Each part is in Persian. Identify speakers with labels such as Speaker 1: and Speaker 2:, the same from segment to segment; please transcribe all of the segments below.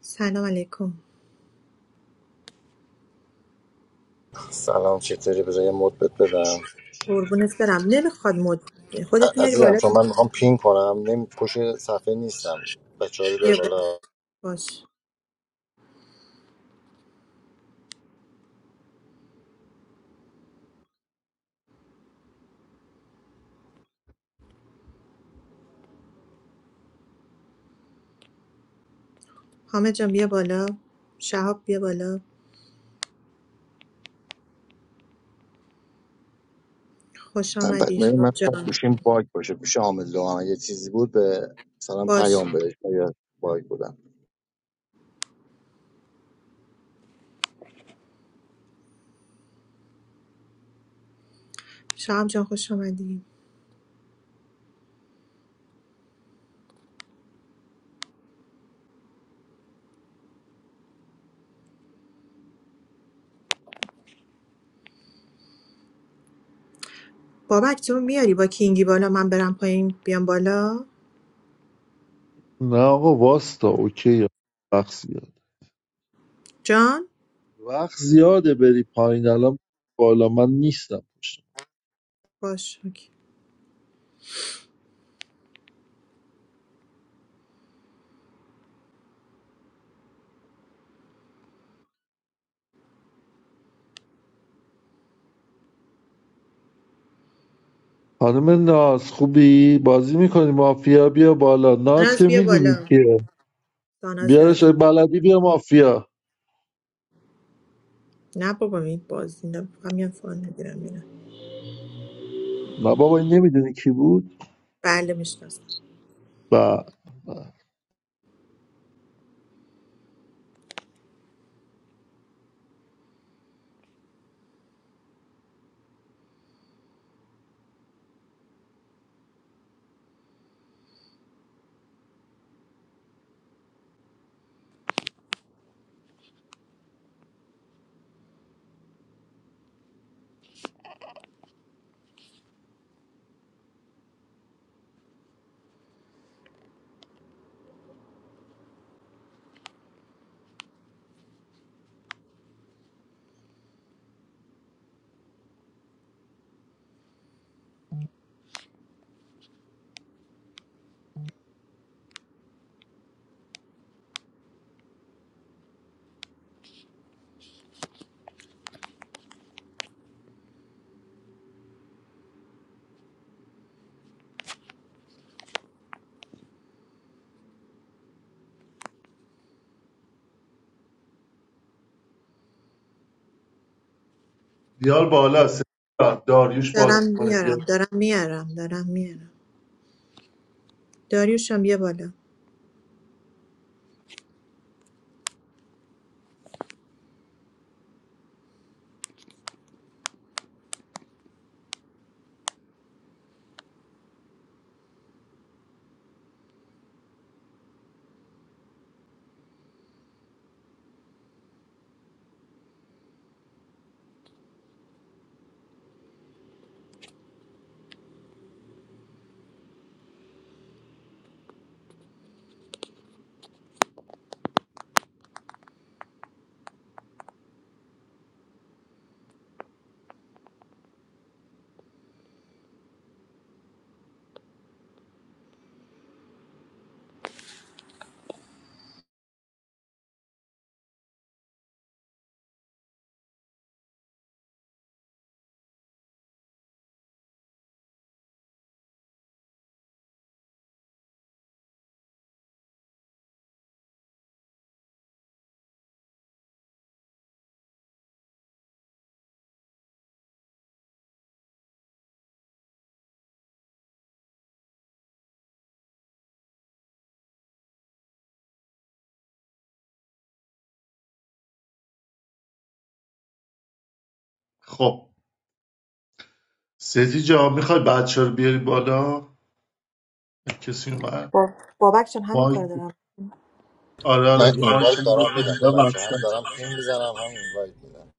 Speaker 1: سلام علیکم
Speaker 2: سلام چطوری بذار یه مد بهت بدم
Speaker 1: قربونت برم نمیخواد مد... خودت
Speaker 2: ع-
Speaker 1: میاری
Speaker 2: عزیزم
Speaker 1: بالا
Speaker 2: چون من میخوام پین کنم نمی پشت صفحه نیستم بچه ها رو
Speaker 1: بیا
Speaker 2: بیار
Speaker 1: بالا
Speaker 2: بالا
Speaker 1: باش حامد جان بیا بالا شهاب بیا بالا خوش
Speaker 3: البته
Speaker 1: آمدی
Speaker 3: ببین، من
Speaker 1: شهاب
Speaker 3: فکر
Speaker 1: جان
Speaker 3: گوشیم باگ باشه گوش عامل لو یه چیزی بود به مثلا
Speaker 1: باش
Speaker 3: پیام بهش یا باگ بودم
Speaker 1: شهاب جان خوش آمدی بابک تو میاری با کینگی بالا من برم پایین بیام بالا
Speaker 4: نه آقا واستا اوکی وقت زیاد
Speaker 1: جان
Speaker 4: وقت زیاده بری پایین الان بالا من نیستم پشت
Speaker 1: باش اوکی.
Speaker 4: خانم ناز خوبی بازی میکنی مافیا بیا بالا ناز که
Speaker 1: داناز بیا
Speaker 4: میدونی
Speaker 1: بالا
Speaker 4: کیه
Speaker 1: داناز
Speaker 4: بیارش
Speaker 1: داره
Speaker 4: اگه بلدی بیا مافیا
Speaker 1: نه بابا این بازی نه فقط میام فان نگیرم میرم
Speaker 4: نه بابا این نمیدونی کی بود
Speaker 1: بله میشناسم
Speaker 4: و بیار بالا سجی جان. داریوش
Speaker 1: دارم
Speaker 4: بازی کنه بیار
Speaker 1: میارم دارم میارم دارم میارم داریوش جان بیا بالا
Speaker 4: خب سجی جان میخوای بچه رو بیاری بالا کسی اومد
Speaker 1: بابک جان همین کار
Speaker 4: مایک
Speaker 1: دارم
Speaker 4: آره
Speaker 2: من
Speaker 4: آره مایک
Speaker 2: اینوایت
Speaker 4: چون مایک
Speaker 2: دارم میدم به بچه هم
Speaker 4: رو
Speaker 2: دارم پین میزنم هم اینوایت میدم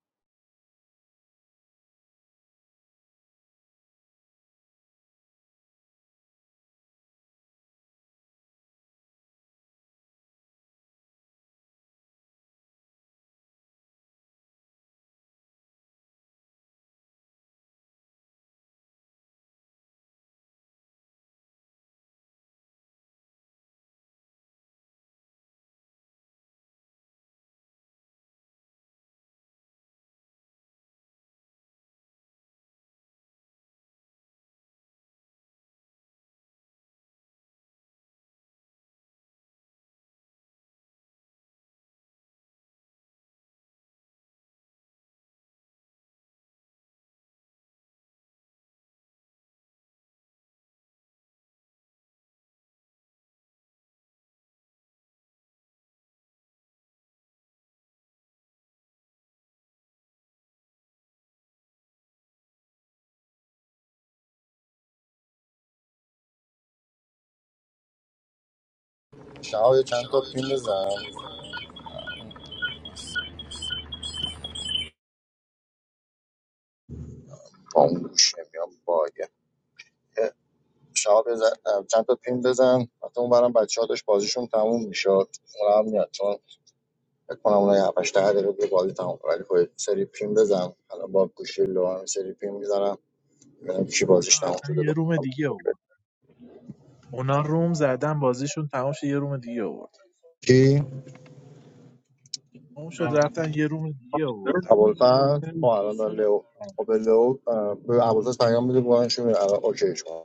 Speaker 2: شما یه چند تا پین بزن
Speaker 3: با اون گوشیم یا باگ شما بزن چند تا پین بزن حتی اون برم بچه ها داشت بازیشون تموم میشد اون هم میاد چون فکر کنم اون 7 8 دقیقه دیگه بازی تموم کنه. ولی خب سری پین بزن الان با گوشی لو هم سری پین میزنم ببینم کی بازیش تموم
Speaker 5: رفتن
Speaker 3: شده
Speaker 5: یه
Speaker 3: با
Speaker 5: روم دیگه آورد اونا روم زدن بازیشون تمام شد یه روم دیگه آورد
Speaker 3: کی
Speaker 5: تمام شد رفتن یه روم دیگه آوردن
Speaker 3: ابوالفضل خب الان داره لو خب به لو اه، به ابوالفضل پیام میده بگم شو اوکی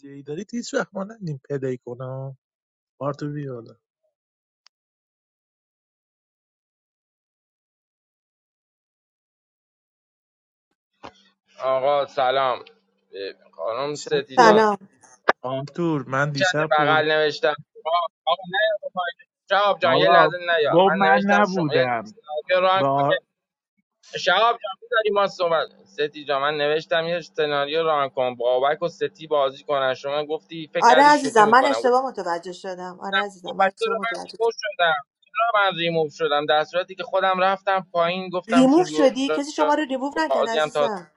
Speaker 5: جی دارید هیچ وقت ما نندیم پلی کنم بارتو بیالا
Speaker 6: آقا سلام اه، خانم
Speaker 5: دیشب
Speaker 6: ستی جان
Speaker 5: گفت
Speaker 1: سلام
Speaker 5: آنتور من
Speaker 6: چت
Speaker 5: دیشب پر
Speaker 6: بغل نوشتم آقا آقا نه آقا، شهاب جان یه
Speaker 5: بابا
Speaker 6: لحظه نیا
Speaker 5: گفت
Speaker 6: من
Speaker 5: من
Speaker 6: نوشتم شما یه
Speaker 5: نبودم
Speaker 6: سناریو ران کن
Speaker 5: با
Speaker 6: شهاب جان می‌ذاری ما صحبت ستی جان من نوشتم یه سناریو ران کن بابک و ستی بازی کنن شما گفتی فکر
Speaker 1: آره
Speaker 6: کردی شوخی
Speaker 1: عزیزم من
Speaker 6: میکنم گفتی
Speaker 1: اشتباه متوجه شدم آره عزیزم من
Speaker 6: بچه
Speaker 1: اشتباه
Speaker 6: رو من
Speaker 1: متوجه شدم
Speaker 6: ریموو شدم رو من ریموو شدم در صورتی که خودم رفتم پایین گفتم
Speaker 1: ریموف
Speaker 6: شلو
Speaker 1: شدی کسی شما رو ریموف نکرد
Speaker 6: بازی هم تا
Speaker 1: عزیزم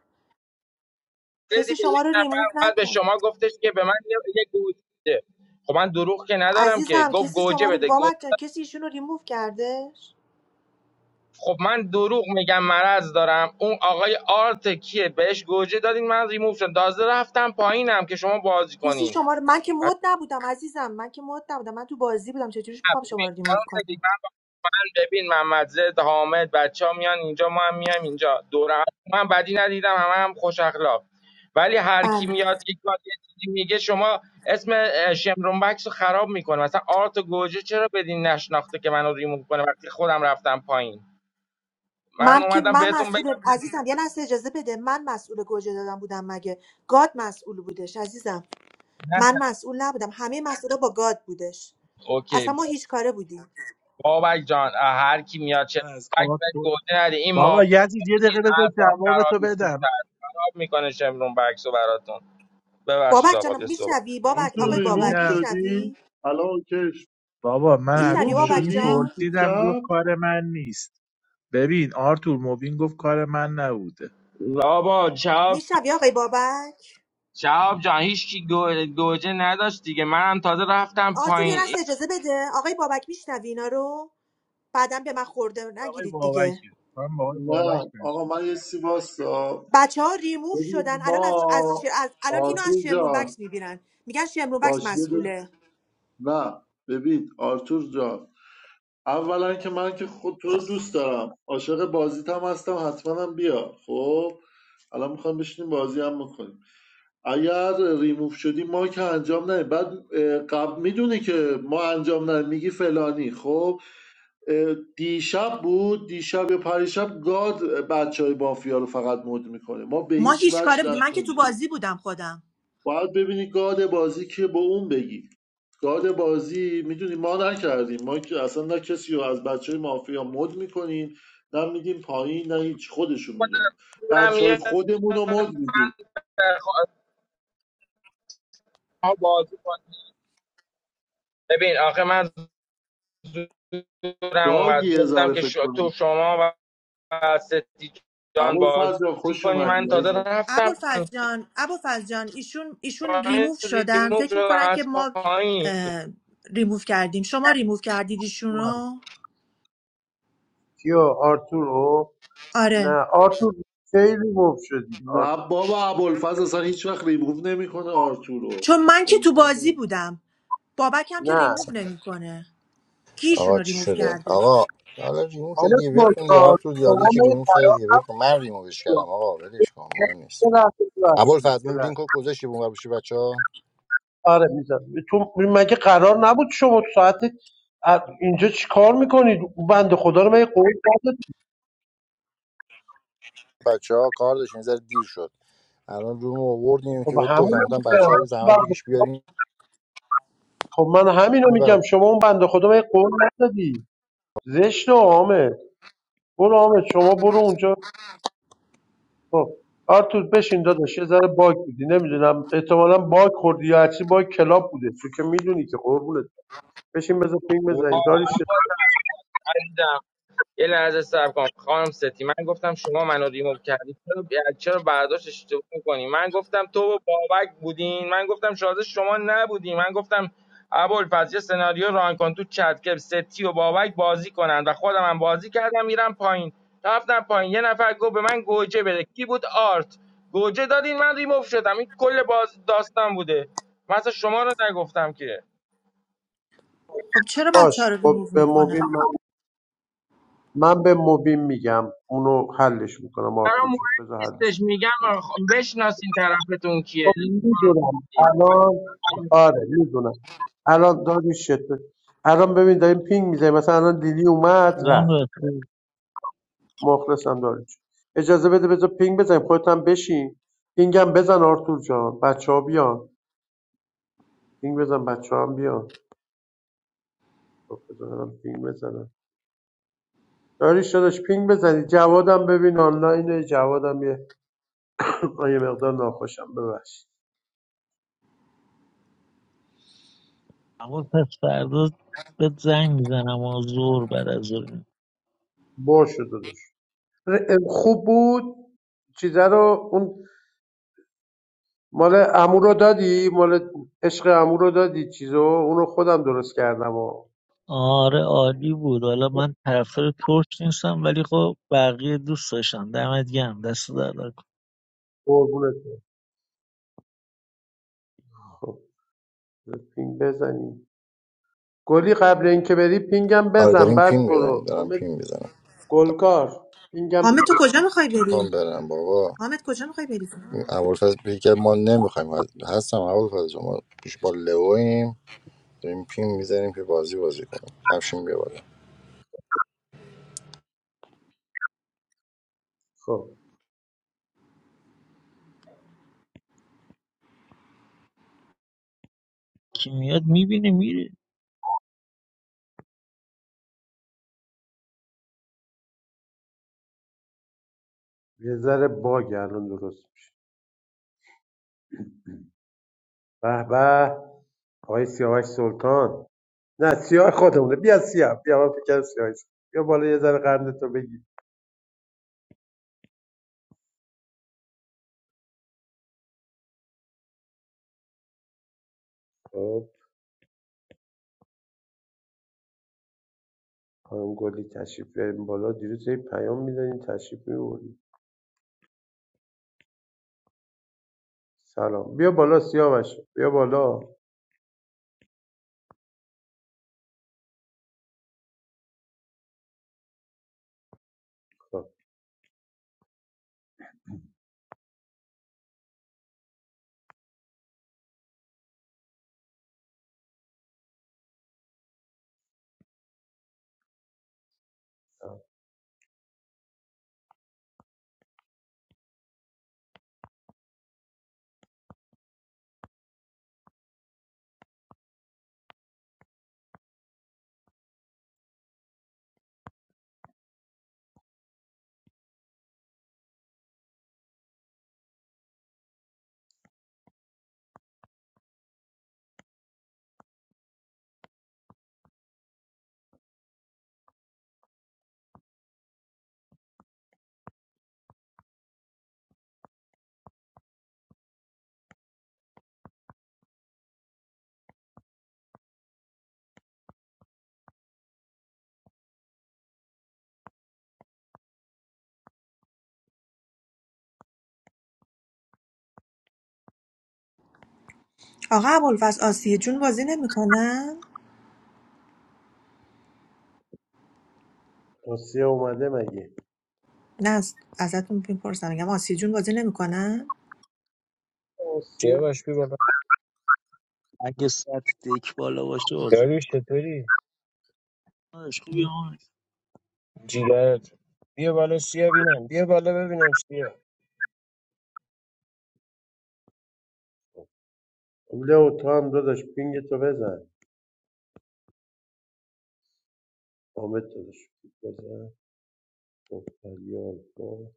Speaker 6: آره
Speaker 1: کسی
Speaker 6: دیگه
Speaker 1: شما
Speaker 6: یک
Speaker 1: رو
Speaker 6: نفر
Speaker 1: ریموف
Speaker 6: اومد به
Speaker 1: نکرد
Speaker 6: شما گفتش که به من یه یه گوجه بده خب من دروغ که ندارم که
Speaker 1: عزیزم
Speaker 6: گفت
Speaker 1: کسی
Speaker 6: گوجه
Speaker 1: شما رو
Speaker 6: بده گو-
Speaker 1: بابک جان کسی ایشون رو ریموف کردش
Speaker 6: خب من دروغ میگم مرض دارم اون آقای آرت کیه بهش گوجه دادین من ریموو شدم تازه رفتم پایینم که شما بازی
Speaker 1: کسی
Speaker 6: کنین
Speaker 1: شما رو من که
Speaker 6: بعد
Speaker 1: مد نبودم عزیزم من که مد نبودم من تو بازی بودم چجوریش
Speaker 6: نه،
Speaker 1: میخوام
Speaker 6: ببین،
Speaker 1: شما رو ریموف
Speaker 6: خانم سفید،
Speaker 1: کنم
Speaker 6: ببین محمد زد حامد بچه ها میان اینجا ما هم میایم اینجا دور هم من بدی ندیدم همه هم خوش اخلاق ولی هر کی
Speaker 1: بله
Speaker 6: میاد یک بار یه چیزی میگه شما اسم اه، شمرون بکس رو خراب میکنه مثلا آرت و گوجه چرا بدین نشناخته که منو ریموو کنه وقتی خودم رفتم پایین من
Speaker 1: من که
Speaker 6: اومدم
Speaker 1: من
Speaker 6: بهتون بگم
Speaker 1: مسئول عزیزم یه لحظه اجازه بده من مسئول گوجه دادم بودم مگه گاد مسئول بودش عزیزم
Speaker 6: نه
Speaker 1: من مسئول نبودم همه مسئولا با گاد بودش اصلا
Speaker 6: اوکی
Speaker 1: ما هیچ کاره بودیم
Speaker 6: بابک جان اه، هر کی میاد چه
Speaker 5: من از
Speaker 6: بک
Speaker 5: آرت
Speaker 6: بک
Speaker 5: پر-
Speaker 6: گوجه نده این
Speaker 5: بابا
Speaker 6: مافیا که
Speaker 5: یزید یه
Speaker 6: میدید
Speaker 5: دقیقه بذار
Speaker 6: اعصاب
Speaker 5: جواب تو
Speaker 6: خرابی تو
Speaker 5: بدم
Speaker 6: خراب میکنه شمرون بکس رو براتون ببخشید
Speaker 1: بابک
Speaker 6: آقا
Speaker 1: جانم
Speaker 6: یه صحبت
Speaker 1: میشنوی
Speaker 7: آقا
Speaker 5: این
Speaker 1: بابک
Speaker 7: تو
Speaker 1: آقای
Speaker 7: ریموف
Speaker 1: بابک
Speaker 5: پرسیدم
Speaker 7: شدی
Speaker 1: میشنوی
Speaker 7: الان کش
Speaker 5: بابا من از
Speaker 1: میشنوی
Speaker 7: ریموف
Speaker 1: بابک
Speaker 5: موبین
Speaker 7: شدی
Speaker 1: جان
Speaker 5: پرسیدم گفت
Speaker 7: دیشب
Speaker 5: کار من نیست ببین آرتور موبین گفت کار من نبوده
Speaker 6: آبا
Speaker 1: میشنوی آقای بابک
Speaker 6: شهاب جان هیچکی گو- گوجه نداشت دیگه منم تازه رفتم
Speaker 1: آرتور یه
Speaker 6: پایین این
Speaker 1: لحظه اجازه بده آقای بابک میشنوی اینا رو بعدا به من خورده
Speaker 5: آقای
Speaker 1: نگیرید دیگه
Speaker 5: بابکه من با آقای بابک
Speaker 7: نه
Speaker 5: برسونم
Speaker 7: آقا من یه سی واسا
Speaker 1: بچه ها ریموف شدن
Speaker 7: ببین
Speaker 1: الان از, از, ش-
Speaker 7: ما
Speaker 1: از- الان اینو از
Speaker 7: آرتور
Speaker 1: شمرون
Speaker 7: جان
Speaker 1: بکس میبینن میگن شمرون بکس
Speaker 7: باش یه دو-
Speaker 1: مسئوله
Speaker 7: نه ببین آرتور جان اولا که من که خود تو رو دوست دارم عاشق بازیتم هستم حتما هم بیا خب الان میخوام بشینیم بازی هم میکنیم اگر ریموف شدی ما که انجام نه بعد اه، قبل میدونی که ما انجام نه میگی فلانی خب دیشب بود دیشب یا پریشب گاد بچه های مافیا رو فقط مد میکنه ما به
Speaker 1: ما
Speaker 7: هیچ
Speaker 1: هیچ
Speaker 7: وجه
Speaker 1: کاره بودیم من
Speaker 7: دست
Speaker 1: که تو
Speaker 7: نمی‌دیم.
Speaker 1: بازی بودم خودم
Speaker 7: باید ببینی گاد بازی که با اون بگی گاد بازی میدونی ما نکردیم ما که اصلا نه کسی رو از بچه های مافیا مد میکنیم نه میدیم پایین نه هیچ خودشون میدونن
Speaker 6: زورم
Speaker 7: بچه های
Speaker 6: یه
Speaker 7: خودمون رو مد میدیم
Speaker 6: خواهم بازی کنم. ببین آخه من زورم
Speaker 7: باگی
Speaker 6: اومد
Speaker 7: یه
Speaker 6: گفتم
Speaker 7: ذره
Speaker 6: که
Speaker 7: فکر
Speaker 6: شو- تو
Speaker 7: کنیم
Speaker 6: شما و ستی جان
Speaker 7: ابوالفضل جان،
Speaker 6: بازی
Speaker 7: خوش
Speaker 6: کنی من
Speaker 7: اومدی
Speaker 6: تازه
Speaker 7: عزیزم.
Speaker 6: رفتم
Speaker 1: ابوالفضل جان ابوالفضل جان ایشون ایشون
Speaker 6: پایین
Speaker 1: ریموف شدن
Speaker 6: ریموو
Speaker 1: فکر
Speaker 6: شدم
Speaker 1: میکنن که
Speaker 6: از
Speaker 1: ما
Speaker 6: پایین
Speaker 1: اه، ریموف کردیم شما ریموف کردید ایشون رو
Speaker 8: کیو آرتورو نه
Speaker 1: آره
Speaker 8: آرتور خیلی گم شدی آرت...
Speaker 7: نه بابا ابوالفضل اصلا هیچ وقت ریموو نمیکنه آرتور رو
Speaker 1: چون من که تو
Speaker 7: امکان نداره.
Speaker 1: بازی بودم بابک هم که
Speaker 8: نه
Speaker 1: ریموو نمیکنه کیشون
Speaker 2: آقا
Speaker 1: رو
Speaker 2: چی
Speaker 1: ریموو
Speaker 2: شده
Speaker 1: کرده
Speaker 2: آقا حالا ریموو شده
Speaker 8: خانم
Speaker 2: دیگه ول کن یار
Speaker 8: گلکار
Speaker 2: تو
Speaker 8: شما
Speaker 2: دیاری که ریموو
Speaker 8: نمی‌خوام.
Speaker 2: کرده دیگه ول کن من ریمووش کردم آقا ولش کن مهم نیست
Speaker 8: یه لحظه ببخشید،
Speaker 2: ابوالفضل
Speaker 8: یه
Speaker 2: اون لینک
Speaker 8: لحظه.
Speaker 2: رو گذاشتی بونگر بشه بچه ها
Speaker 8: آره میزد تو مگه قرار نبود شما تو ساعت ا- اینجا چی کار میکنید بند خدا رو مگه قول ندادید
Speaker 2: بچه ها کار داشتن یه ذره دیر شد الان روم رو آوردیم که
Speaker 8: خب
Speaker 2: بهت
Speaker 8: همون
Speaker 2: گفتم
Speaker 8: رو
Speaker 2: گفتم
Speaker 8: می‌گم.
Speaker 2: بچه ها رو زحمت
Speaker 8: بنده-
Speaker 2: بکش بیاریم
Speaker 8: خب من همینو میگم شما اون بنده خدا مگه قول ندادی زشت و آمد برو آمد شما برو اونجا خب آرتور بشین داداش یه ذره باگ بودی نمیدونم احتمالاً باگ خوردی یا هرچی باگ کلاب بوده تو که میدونی که قربونت بشین بذار پینگ
Speaker 6: وای،
Speaker 8: بزنین داریش
Speaker 6: عزیزم یه لحظه صبر کن خانم ستی من گفتم شما منو ریموو کردی چرا چرا برداشت اشتباه میکنی من گفتم تو و بابک بودین من گفتم شازه شما نبودین من گفتم ابوالفضل یه سناریو ران کن تو چت که ستی و بابک بازی کنن و خودم هم بازی کردم میرم پایین رفتم پایین یه نفر گفت به من گوجه بده کی بود آرت گوجه دادین من ریموو شدم این کل باز داستان بوده مثلا شما رو نگفتم که
Speaker 1: خب چرا بچه ها
Speaker 8: باش
Speaker 1: رو
Speaker 8: خب
Speaker 1: ریموو
Speaker 8: به مبین
Speaker 1: میکنه
Speaker 8: من, من به مبین میگم اونو حلش میکنم
Speaker 6: برام
Speaker 8: آرتور جون
Speaker 6: مهم
Speaker 8: بذار حلش
Speaker 6: نیستش
Speaker 8: کنم.
Speaker 6: میگم آخ- بشناسین طرفتون کیه
Speaker 8: خب میدونم الان آره میدونم الان داریش شده الان ببین داریم پینگ میزنیم مثلا الان لیلی اومد
Speaker 9: سلام
Speaker 8: رفت
Speaker 9: بخیر
Speaker 8: مخلصم داریش اجازه بده بذار پینگ بزنیم خودت هم بشین پینگم بزن آرتور جان بچه ها پینگ بزن بچه هم بیان خب بذار منم پینگ بزنم داریش داداش پینگ بزنی جوادم ببین آنلاینه جوادم یه آه، یه مقدار ناخوشم ببخشید
Speaker 9: اما پس فردا بهت زنگ میزنم و زور بعد از ظهر.
Speaker 8: باشه داداش خوب بود چیزه رو اون مال عمو رو دادی مال عشق عمو رو دادی چیزو اونو خودم درست کردم و
Speaker 9: آره عالی بود حالا من طرفدار ترک نیستم ولی خب بقیه دوست داشتم دمت گرم دست در نکن.
Speaker 8: قربونت برم. خب پینگ بزنی گلی قبل اینکه بری پینگم
Speaker 2: آره
Speaker 8: بزن
Speaker 2: داریم پیم
Speaker 8: بعد
Speaker 2: میزنیم
Speaker 8: برو
Speaker 2: دارم
Speaker 8: حامد
Speaker 2: پیم میزنم
Speaker 8: گلکار پینگم
Speaker 1: حامد تو کجا میخوای
Speaker 2: میخوام
Speaker 1: بری
Speaker 2: برم بابا
Speaker 1: حامد کجا میخوای بری
Speaker 2: اول که ما نمیخوایم هستم اول ما پیش با لویم داریم پیم میزنیم که بازی بازی کنیم همشین بیا بالا
Speaker 8: خب
Speaker 9: کی میاد میبینه میره
Speaker 8: یه ذره باگ الان درست به به آقای سیاوش سلطان نه سیاه خودمونه بیا سیاه بیا من فکر کردم سیاه است. بیا بالا یه ذره قند تو بگی خب خانم گلی تشریف بیاریم بالا دیروز یه پیام میدادین تشریف میبردیم سلام بیا بالا سیاوش بیا بالا خب.
Speaker 1: آقا ابوالفضل آسیه جون بازی نمیکنن
Speaker 8: آسیه اومده مگه
Speaker 1: نه از- ازتون میپرسم میگم آسیه جون بازی نمیکنن
Speaker 8: آسیه
Speaker 3: سیاوش بیا بالا
Speaker 9: اگه سطح دک بالا باشه بازه
Speaker 3: یاری چطوری
Speaker 9: خوبی همونش
Speaker 3: جیگرت بیا بالا سیا بینم بیا بالا ببینم سیا
Speaker 8: لو تو هم داداش پینگ تو بزن آمد داداش بزن خب، فریال. خب.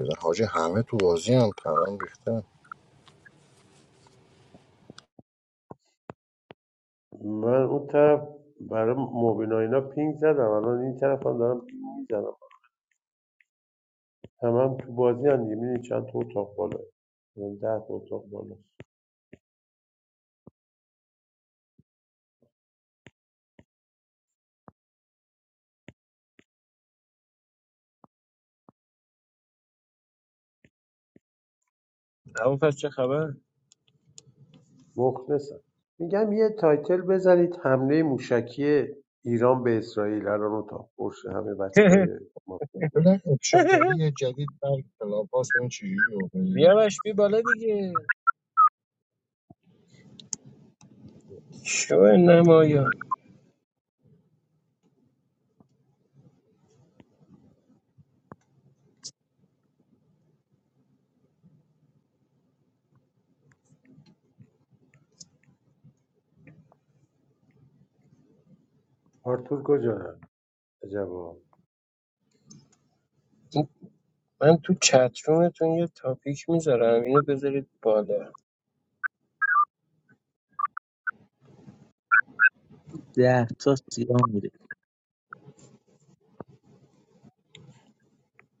Speaker 2: بزن حاجی همه تو بازی هم پرام ریخته
Speaker 8: من اون طرف برای مبینا اینا پینگ زدم الان این طرف هم دارم پینگ میزنم همه هم تو بازی هم دیگه می‌بینی چند تا اتاق بالا یعنی ده تا اتاق بالا
Speaker 3: اون پس چه خبر
Speaker 8: مخلصم میگم یه تایتل بزنید حمله موشکی ایران به اسرائیل الان اتاق پرشه همه بچه های ما
Speaker 3: ببین اپشنگری یه جدید بر کلاباس ببین چجوری رو بگیریم. سیاوش بیا بالا دیگه شو نمایان
Speaker 8: آرتور کجا هم عجبا
Speaker 3: من تو چترومتون یه تاپیک میذارم اینو بذارید بالا
Speaker 9: ده تا سیران میره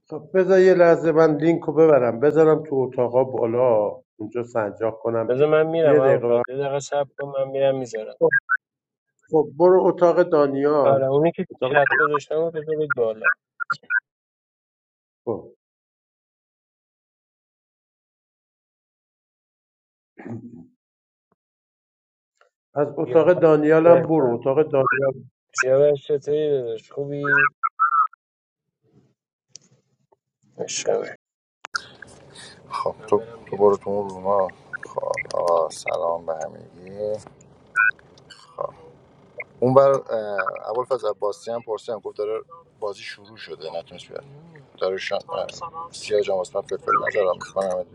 Speaker 8: خب بذار یه لحظه من لینک رو ببرم بذارم تو اتاقا بالا اونجا سنجاق کنم
Speaker 3: بذار
Speaker 8: بیام
Speaker 3: من میرم
Speaker 8: یه
Speaker 3: اول
Speaker 8: دقیقه بر-
Speaker 3: فرد یه دقیقه صبر کن من میرم میذارم
Speaker 8: خب خب برو اتاق
Speaker 3: آره
Speaker 8: دانیال
Speaker 3: اونی که تو
Speaker 8: اتاق
Speaker 3: چت گذاشتم رو بذارید بالا
Speaker 8: خب. از
Speaker 3: بیا
Speaker 8: اتاق دانیال هم برو
Speaker 3: بچم
Speaker 8: اتاق دانیال
Speaker 3: سیاوش چطوری داداش خوبی عشقم
Speaker 2: خب تو تو برو تو اون روما خب آقا سلام به همگی اون بر اول فاز عباسی هم پرسیدم گفت داره بازی شروع شده نتونست بیاد داره شان سیاه جام اسمت فلفل نظر هم میکنم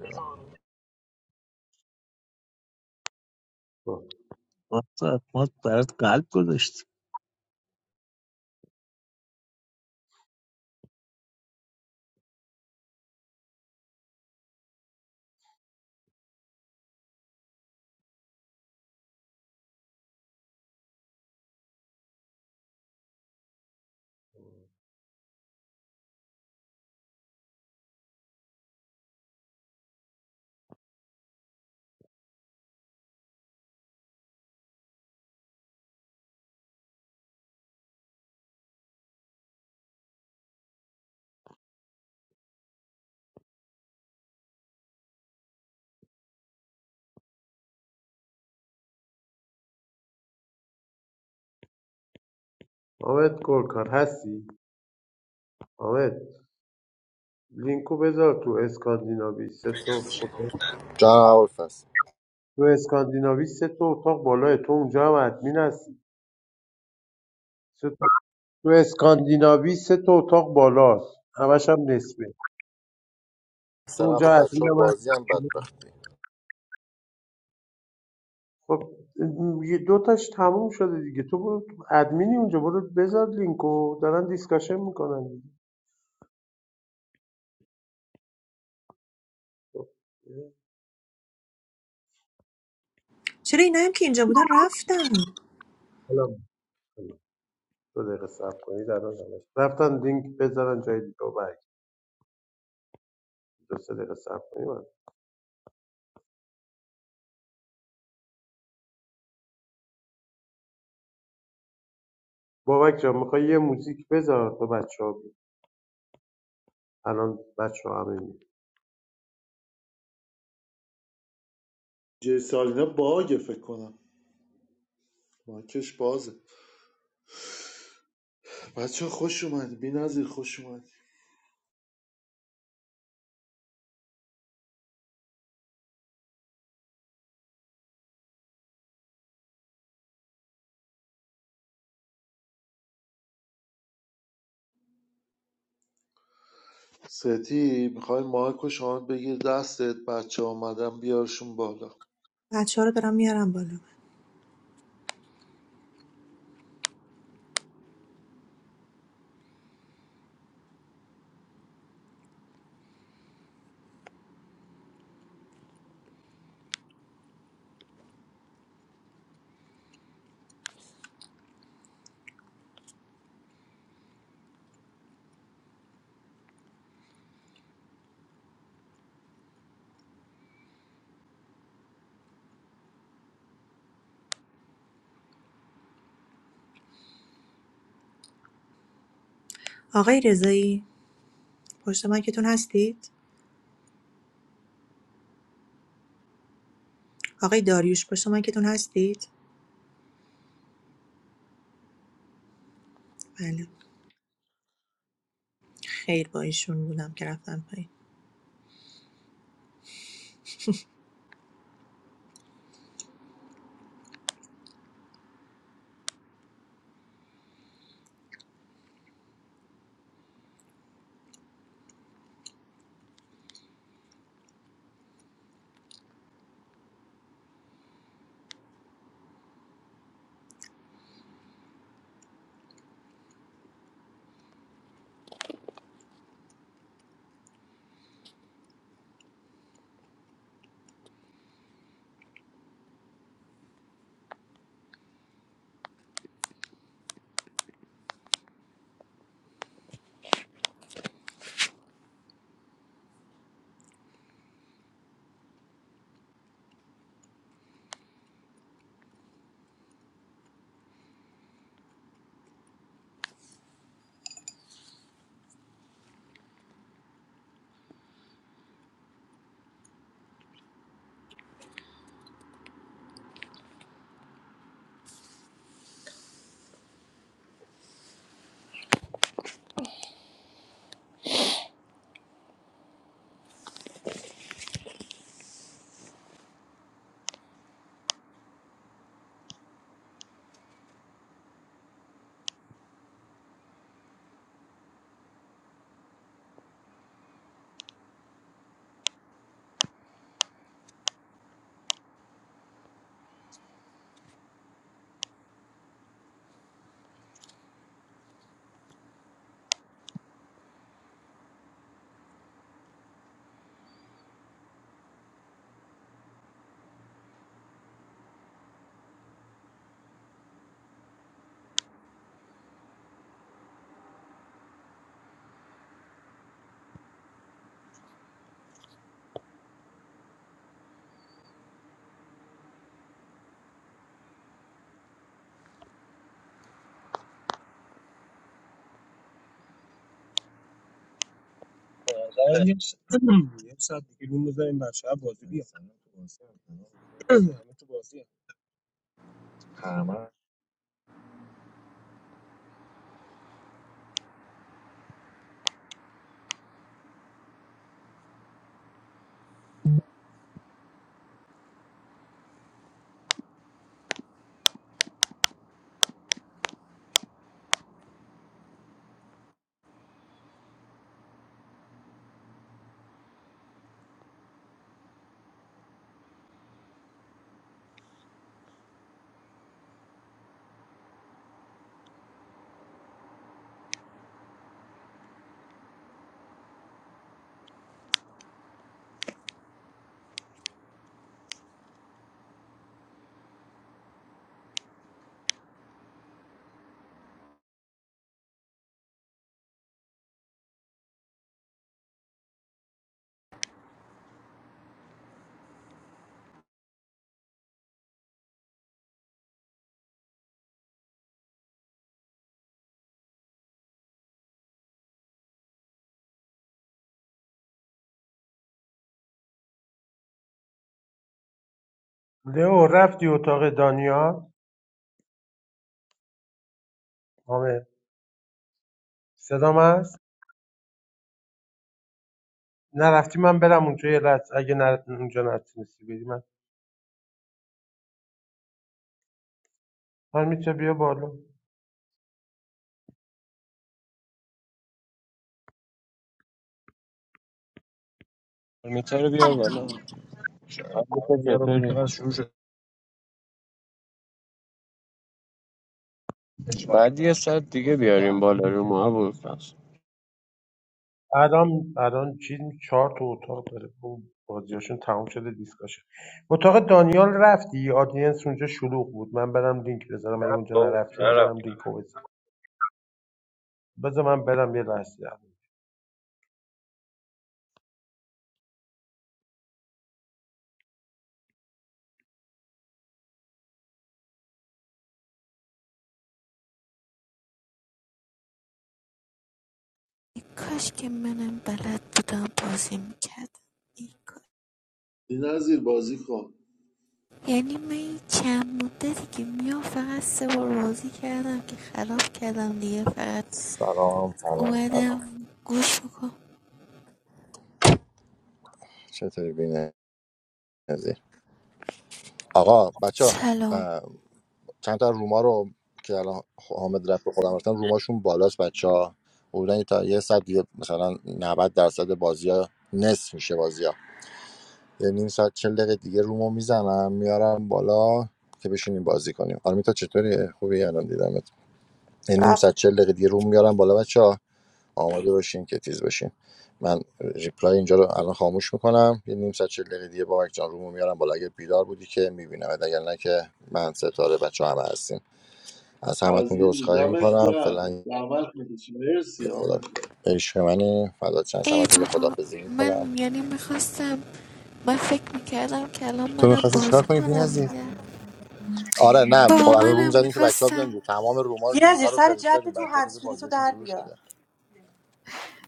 Speaker 8: برو.
Speaker 9: واسه ما برات قلب گذاشت
Speaker 8: حامد گلکار هستی حامد لینکو بذار تو اسکاندیناوی سه تا اتاق
Speaker 2: جان اول
Speaker 8: تو اسکاندیناوی سه تا اتاق بالاه تو اونجا هم ادمین هستی سه تا تو اسکاندیناوی سه تا اتاق بالاست همش هم نصفه تو
Speaker 2: سلام
Speaker 8: اونجا
Speaker 2: خب بچه
Speaker 8: ادمین
Speaker 2: ها
Speaker 8: هم
Speaker 2: بازی هم
Speaker 8: هست.
Speaker 2: بدبختی
Speaker 8: خب یه دو تاش تموم شده دیگه تو برو تو ادمینی اونجا برو بذار لینکو دارن دیسکاشن میکنن دیگه خب.
Speaker 1: چرا اینایی که اینجا بودن رفتن
Speaker 8: الان دو دقیقه صبر کنید الان همش رفتن لینک بذارن جای دیگه و برگردید. دو سه دقیقه صبر کنید بابک جان میخوای یه موزیک بذار تا بچه ها بید. الان بچه ها همه میان
Speaker 7: جی سالینا باگه فکر کنم مایکش بازه بچه خوش اومد بی نظیر خوش اومد ستی میخوای مایکو شما بگیر دستت بچه آمدن بیارشون بالا
Speaker 1: بچه ها رو دارم میارم بالا آقای رضایی پشت مایکتون هستید آقای داریوش پشت مایکتون هستید بله خیر با ایشون بودم که رفتم
Speaker 3: به نظرم یه س- یه ساعت دیگه روم بزنیم بچه ها بازی بیار همه تو بازی هم.
Speaker 8: لئو رفتی اتاق دانیال حامد صدام هست نرفتی من برم اونجا یه لحظه اگه نر... اونجا نتونستی بری من من میتونم بیا بالا
Speaker 3: میتر رو بیار
Speaker 10: Hello.
Speaker 3: بالا علی چطوری بعد یه ساعت دیگه بیاریم بالا رو ما بود
Speaker 8: الان الان چیز چهار تا اتاق داره اون بازیاشون تموم شده دیسکاشن اتاق دانیال رفتی آدینس اونجا شلوغ بود من برم لینک بذارم اگه
Speaker 3: نه
Speaker 8: اونجا
Speaker 3: بابا
Speaker 8: نرفتی من
Speaker 3: نرم
Speaker 8: برم لینک رو بذارم بذار من برم یه لحظه
Speaker 11: کاش که منم بلد بودم بازی میکردم ای کاش.
Speaker 7: بی نظیر بازی کن
Speaker 11: یعنی من این چند مدتی که میام فقط سه بار بازی کردم که خراب کردم دیگه فقط
Speaker 2: سلام سلام سلام
Speaker 11: اومدم گوش بکن
Speaker 2: چطوری بینه نظیر آقا بچه ها
Speaker 11: سلام
Speaker 2: چند تا روما رو که الان حامد رفت به خودم رفتن روماشون بالاست بچه ها بودن تا یه ساعت دیگه مثلا 90 درصد بازی ها نصف میشه بازی ها یه نیم ساعت 40 دقیقه دیگه رومو میزنم میارم بالا که بشینیم بازی کنیم آرمیتا چطوری خوبی الان دیدمت یه نیم
Speaker 1: پایین
Speaker 2: ساعت 40 دقیقه دیگه روم میارم بالا بچه ها، آماده باشین که تیز باشین من ریپلای اینجا رو الان خاموش میکنم یه نیم ساعت چل دقیقه دیگه بابک جان رومو میارم بالا اگه بیدار بودی که میبینم اگر نه که من ستاره بچه همه هستیم از همتون یه
Speaker 7: عزیزی
Speaker 2: عذرخواهی
Speaker 7: دمت
Speaker 2: میکنم
Speaker 7: گرم
Speaker 2: فعلا
Speaker 7: زحمت میکشی مرسی
Speaker 2: خدا
Speaker 7: حامد
Speaker 2: عشق منی فدات شم. از
Speaker 11: ای
Speaker 2: همتون یه
Speaker 11: بابا
Speaker 2: خدافظی میکنم
Speaker 11: من یعنی میخواستم من فکر میکردم که الان
Speaker 2: تو
Speaker 11: منم
Speaker 2: میخواستی
Speaker 11: بازی
Speaker 2: چیکار کنی
Speaker 11: کنم
Speaker 2: بی‌نظیر
Speaker 11: دیگه
Speaker 2: آره نه خب
Speaker 11: بابا
Speaker 2: الان روم
Speaker 11: منم
Speaker 2: زدیم که بچه‌ها بیان دیگه.
Speaker 11: میخواستم
Speaker 2: تمام روما رو
Speaker 1: بیا زیر
Speaker 2: لینک‌ها رو
Speaker 1: سر جد
Speaker 2: فرستادیم
Speaker 1: تو
Speaker 2: بچه‌ها تو
Speaker 1: هنسفیری تو
Speaker 2: بازیشون
Speaker 1: در
Speaker 2: شروع
Speaker 1: بیار
Speaker 2: شده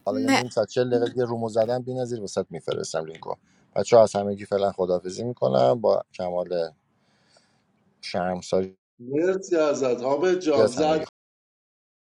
Speaker 2: حالا یه
Speaker 11: نه
Speaker 2: نیم ساعت 40 دقیقه یه رومو زدم بی‌نظیر واسات میفرستم لینکو بچه‌ها از همگی فعلا خداحافظی میکنم با کمال شرمساری
Speaker 7: مرسی ازت حامد جان
Speaker 2: از
Speaker 7: زد
Speaker 2: همگی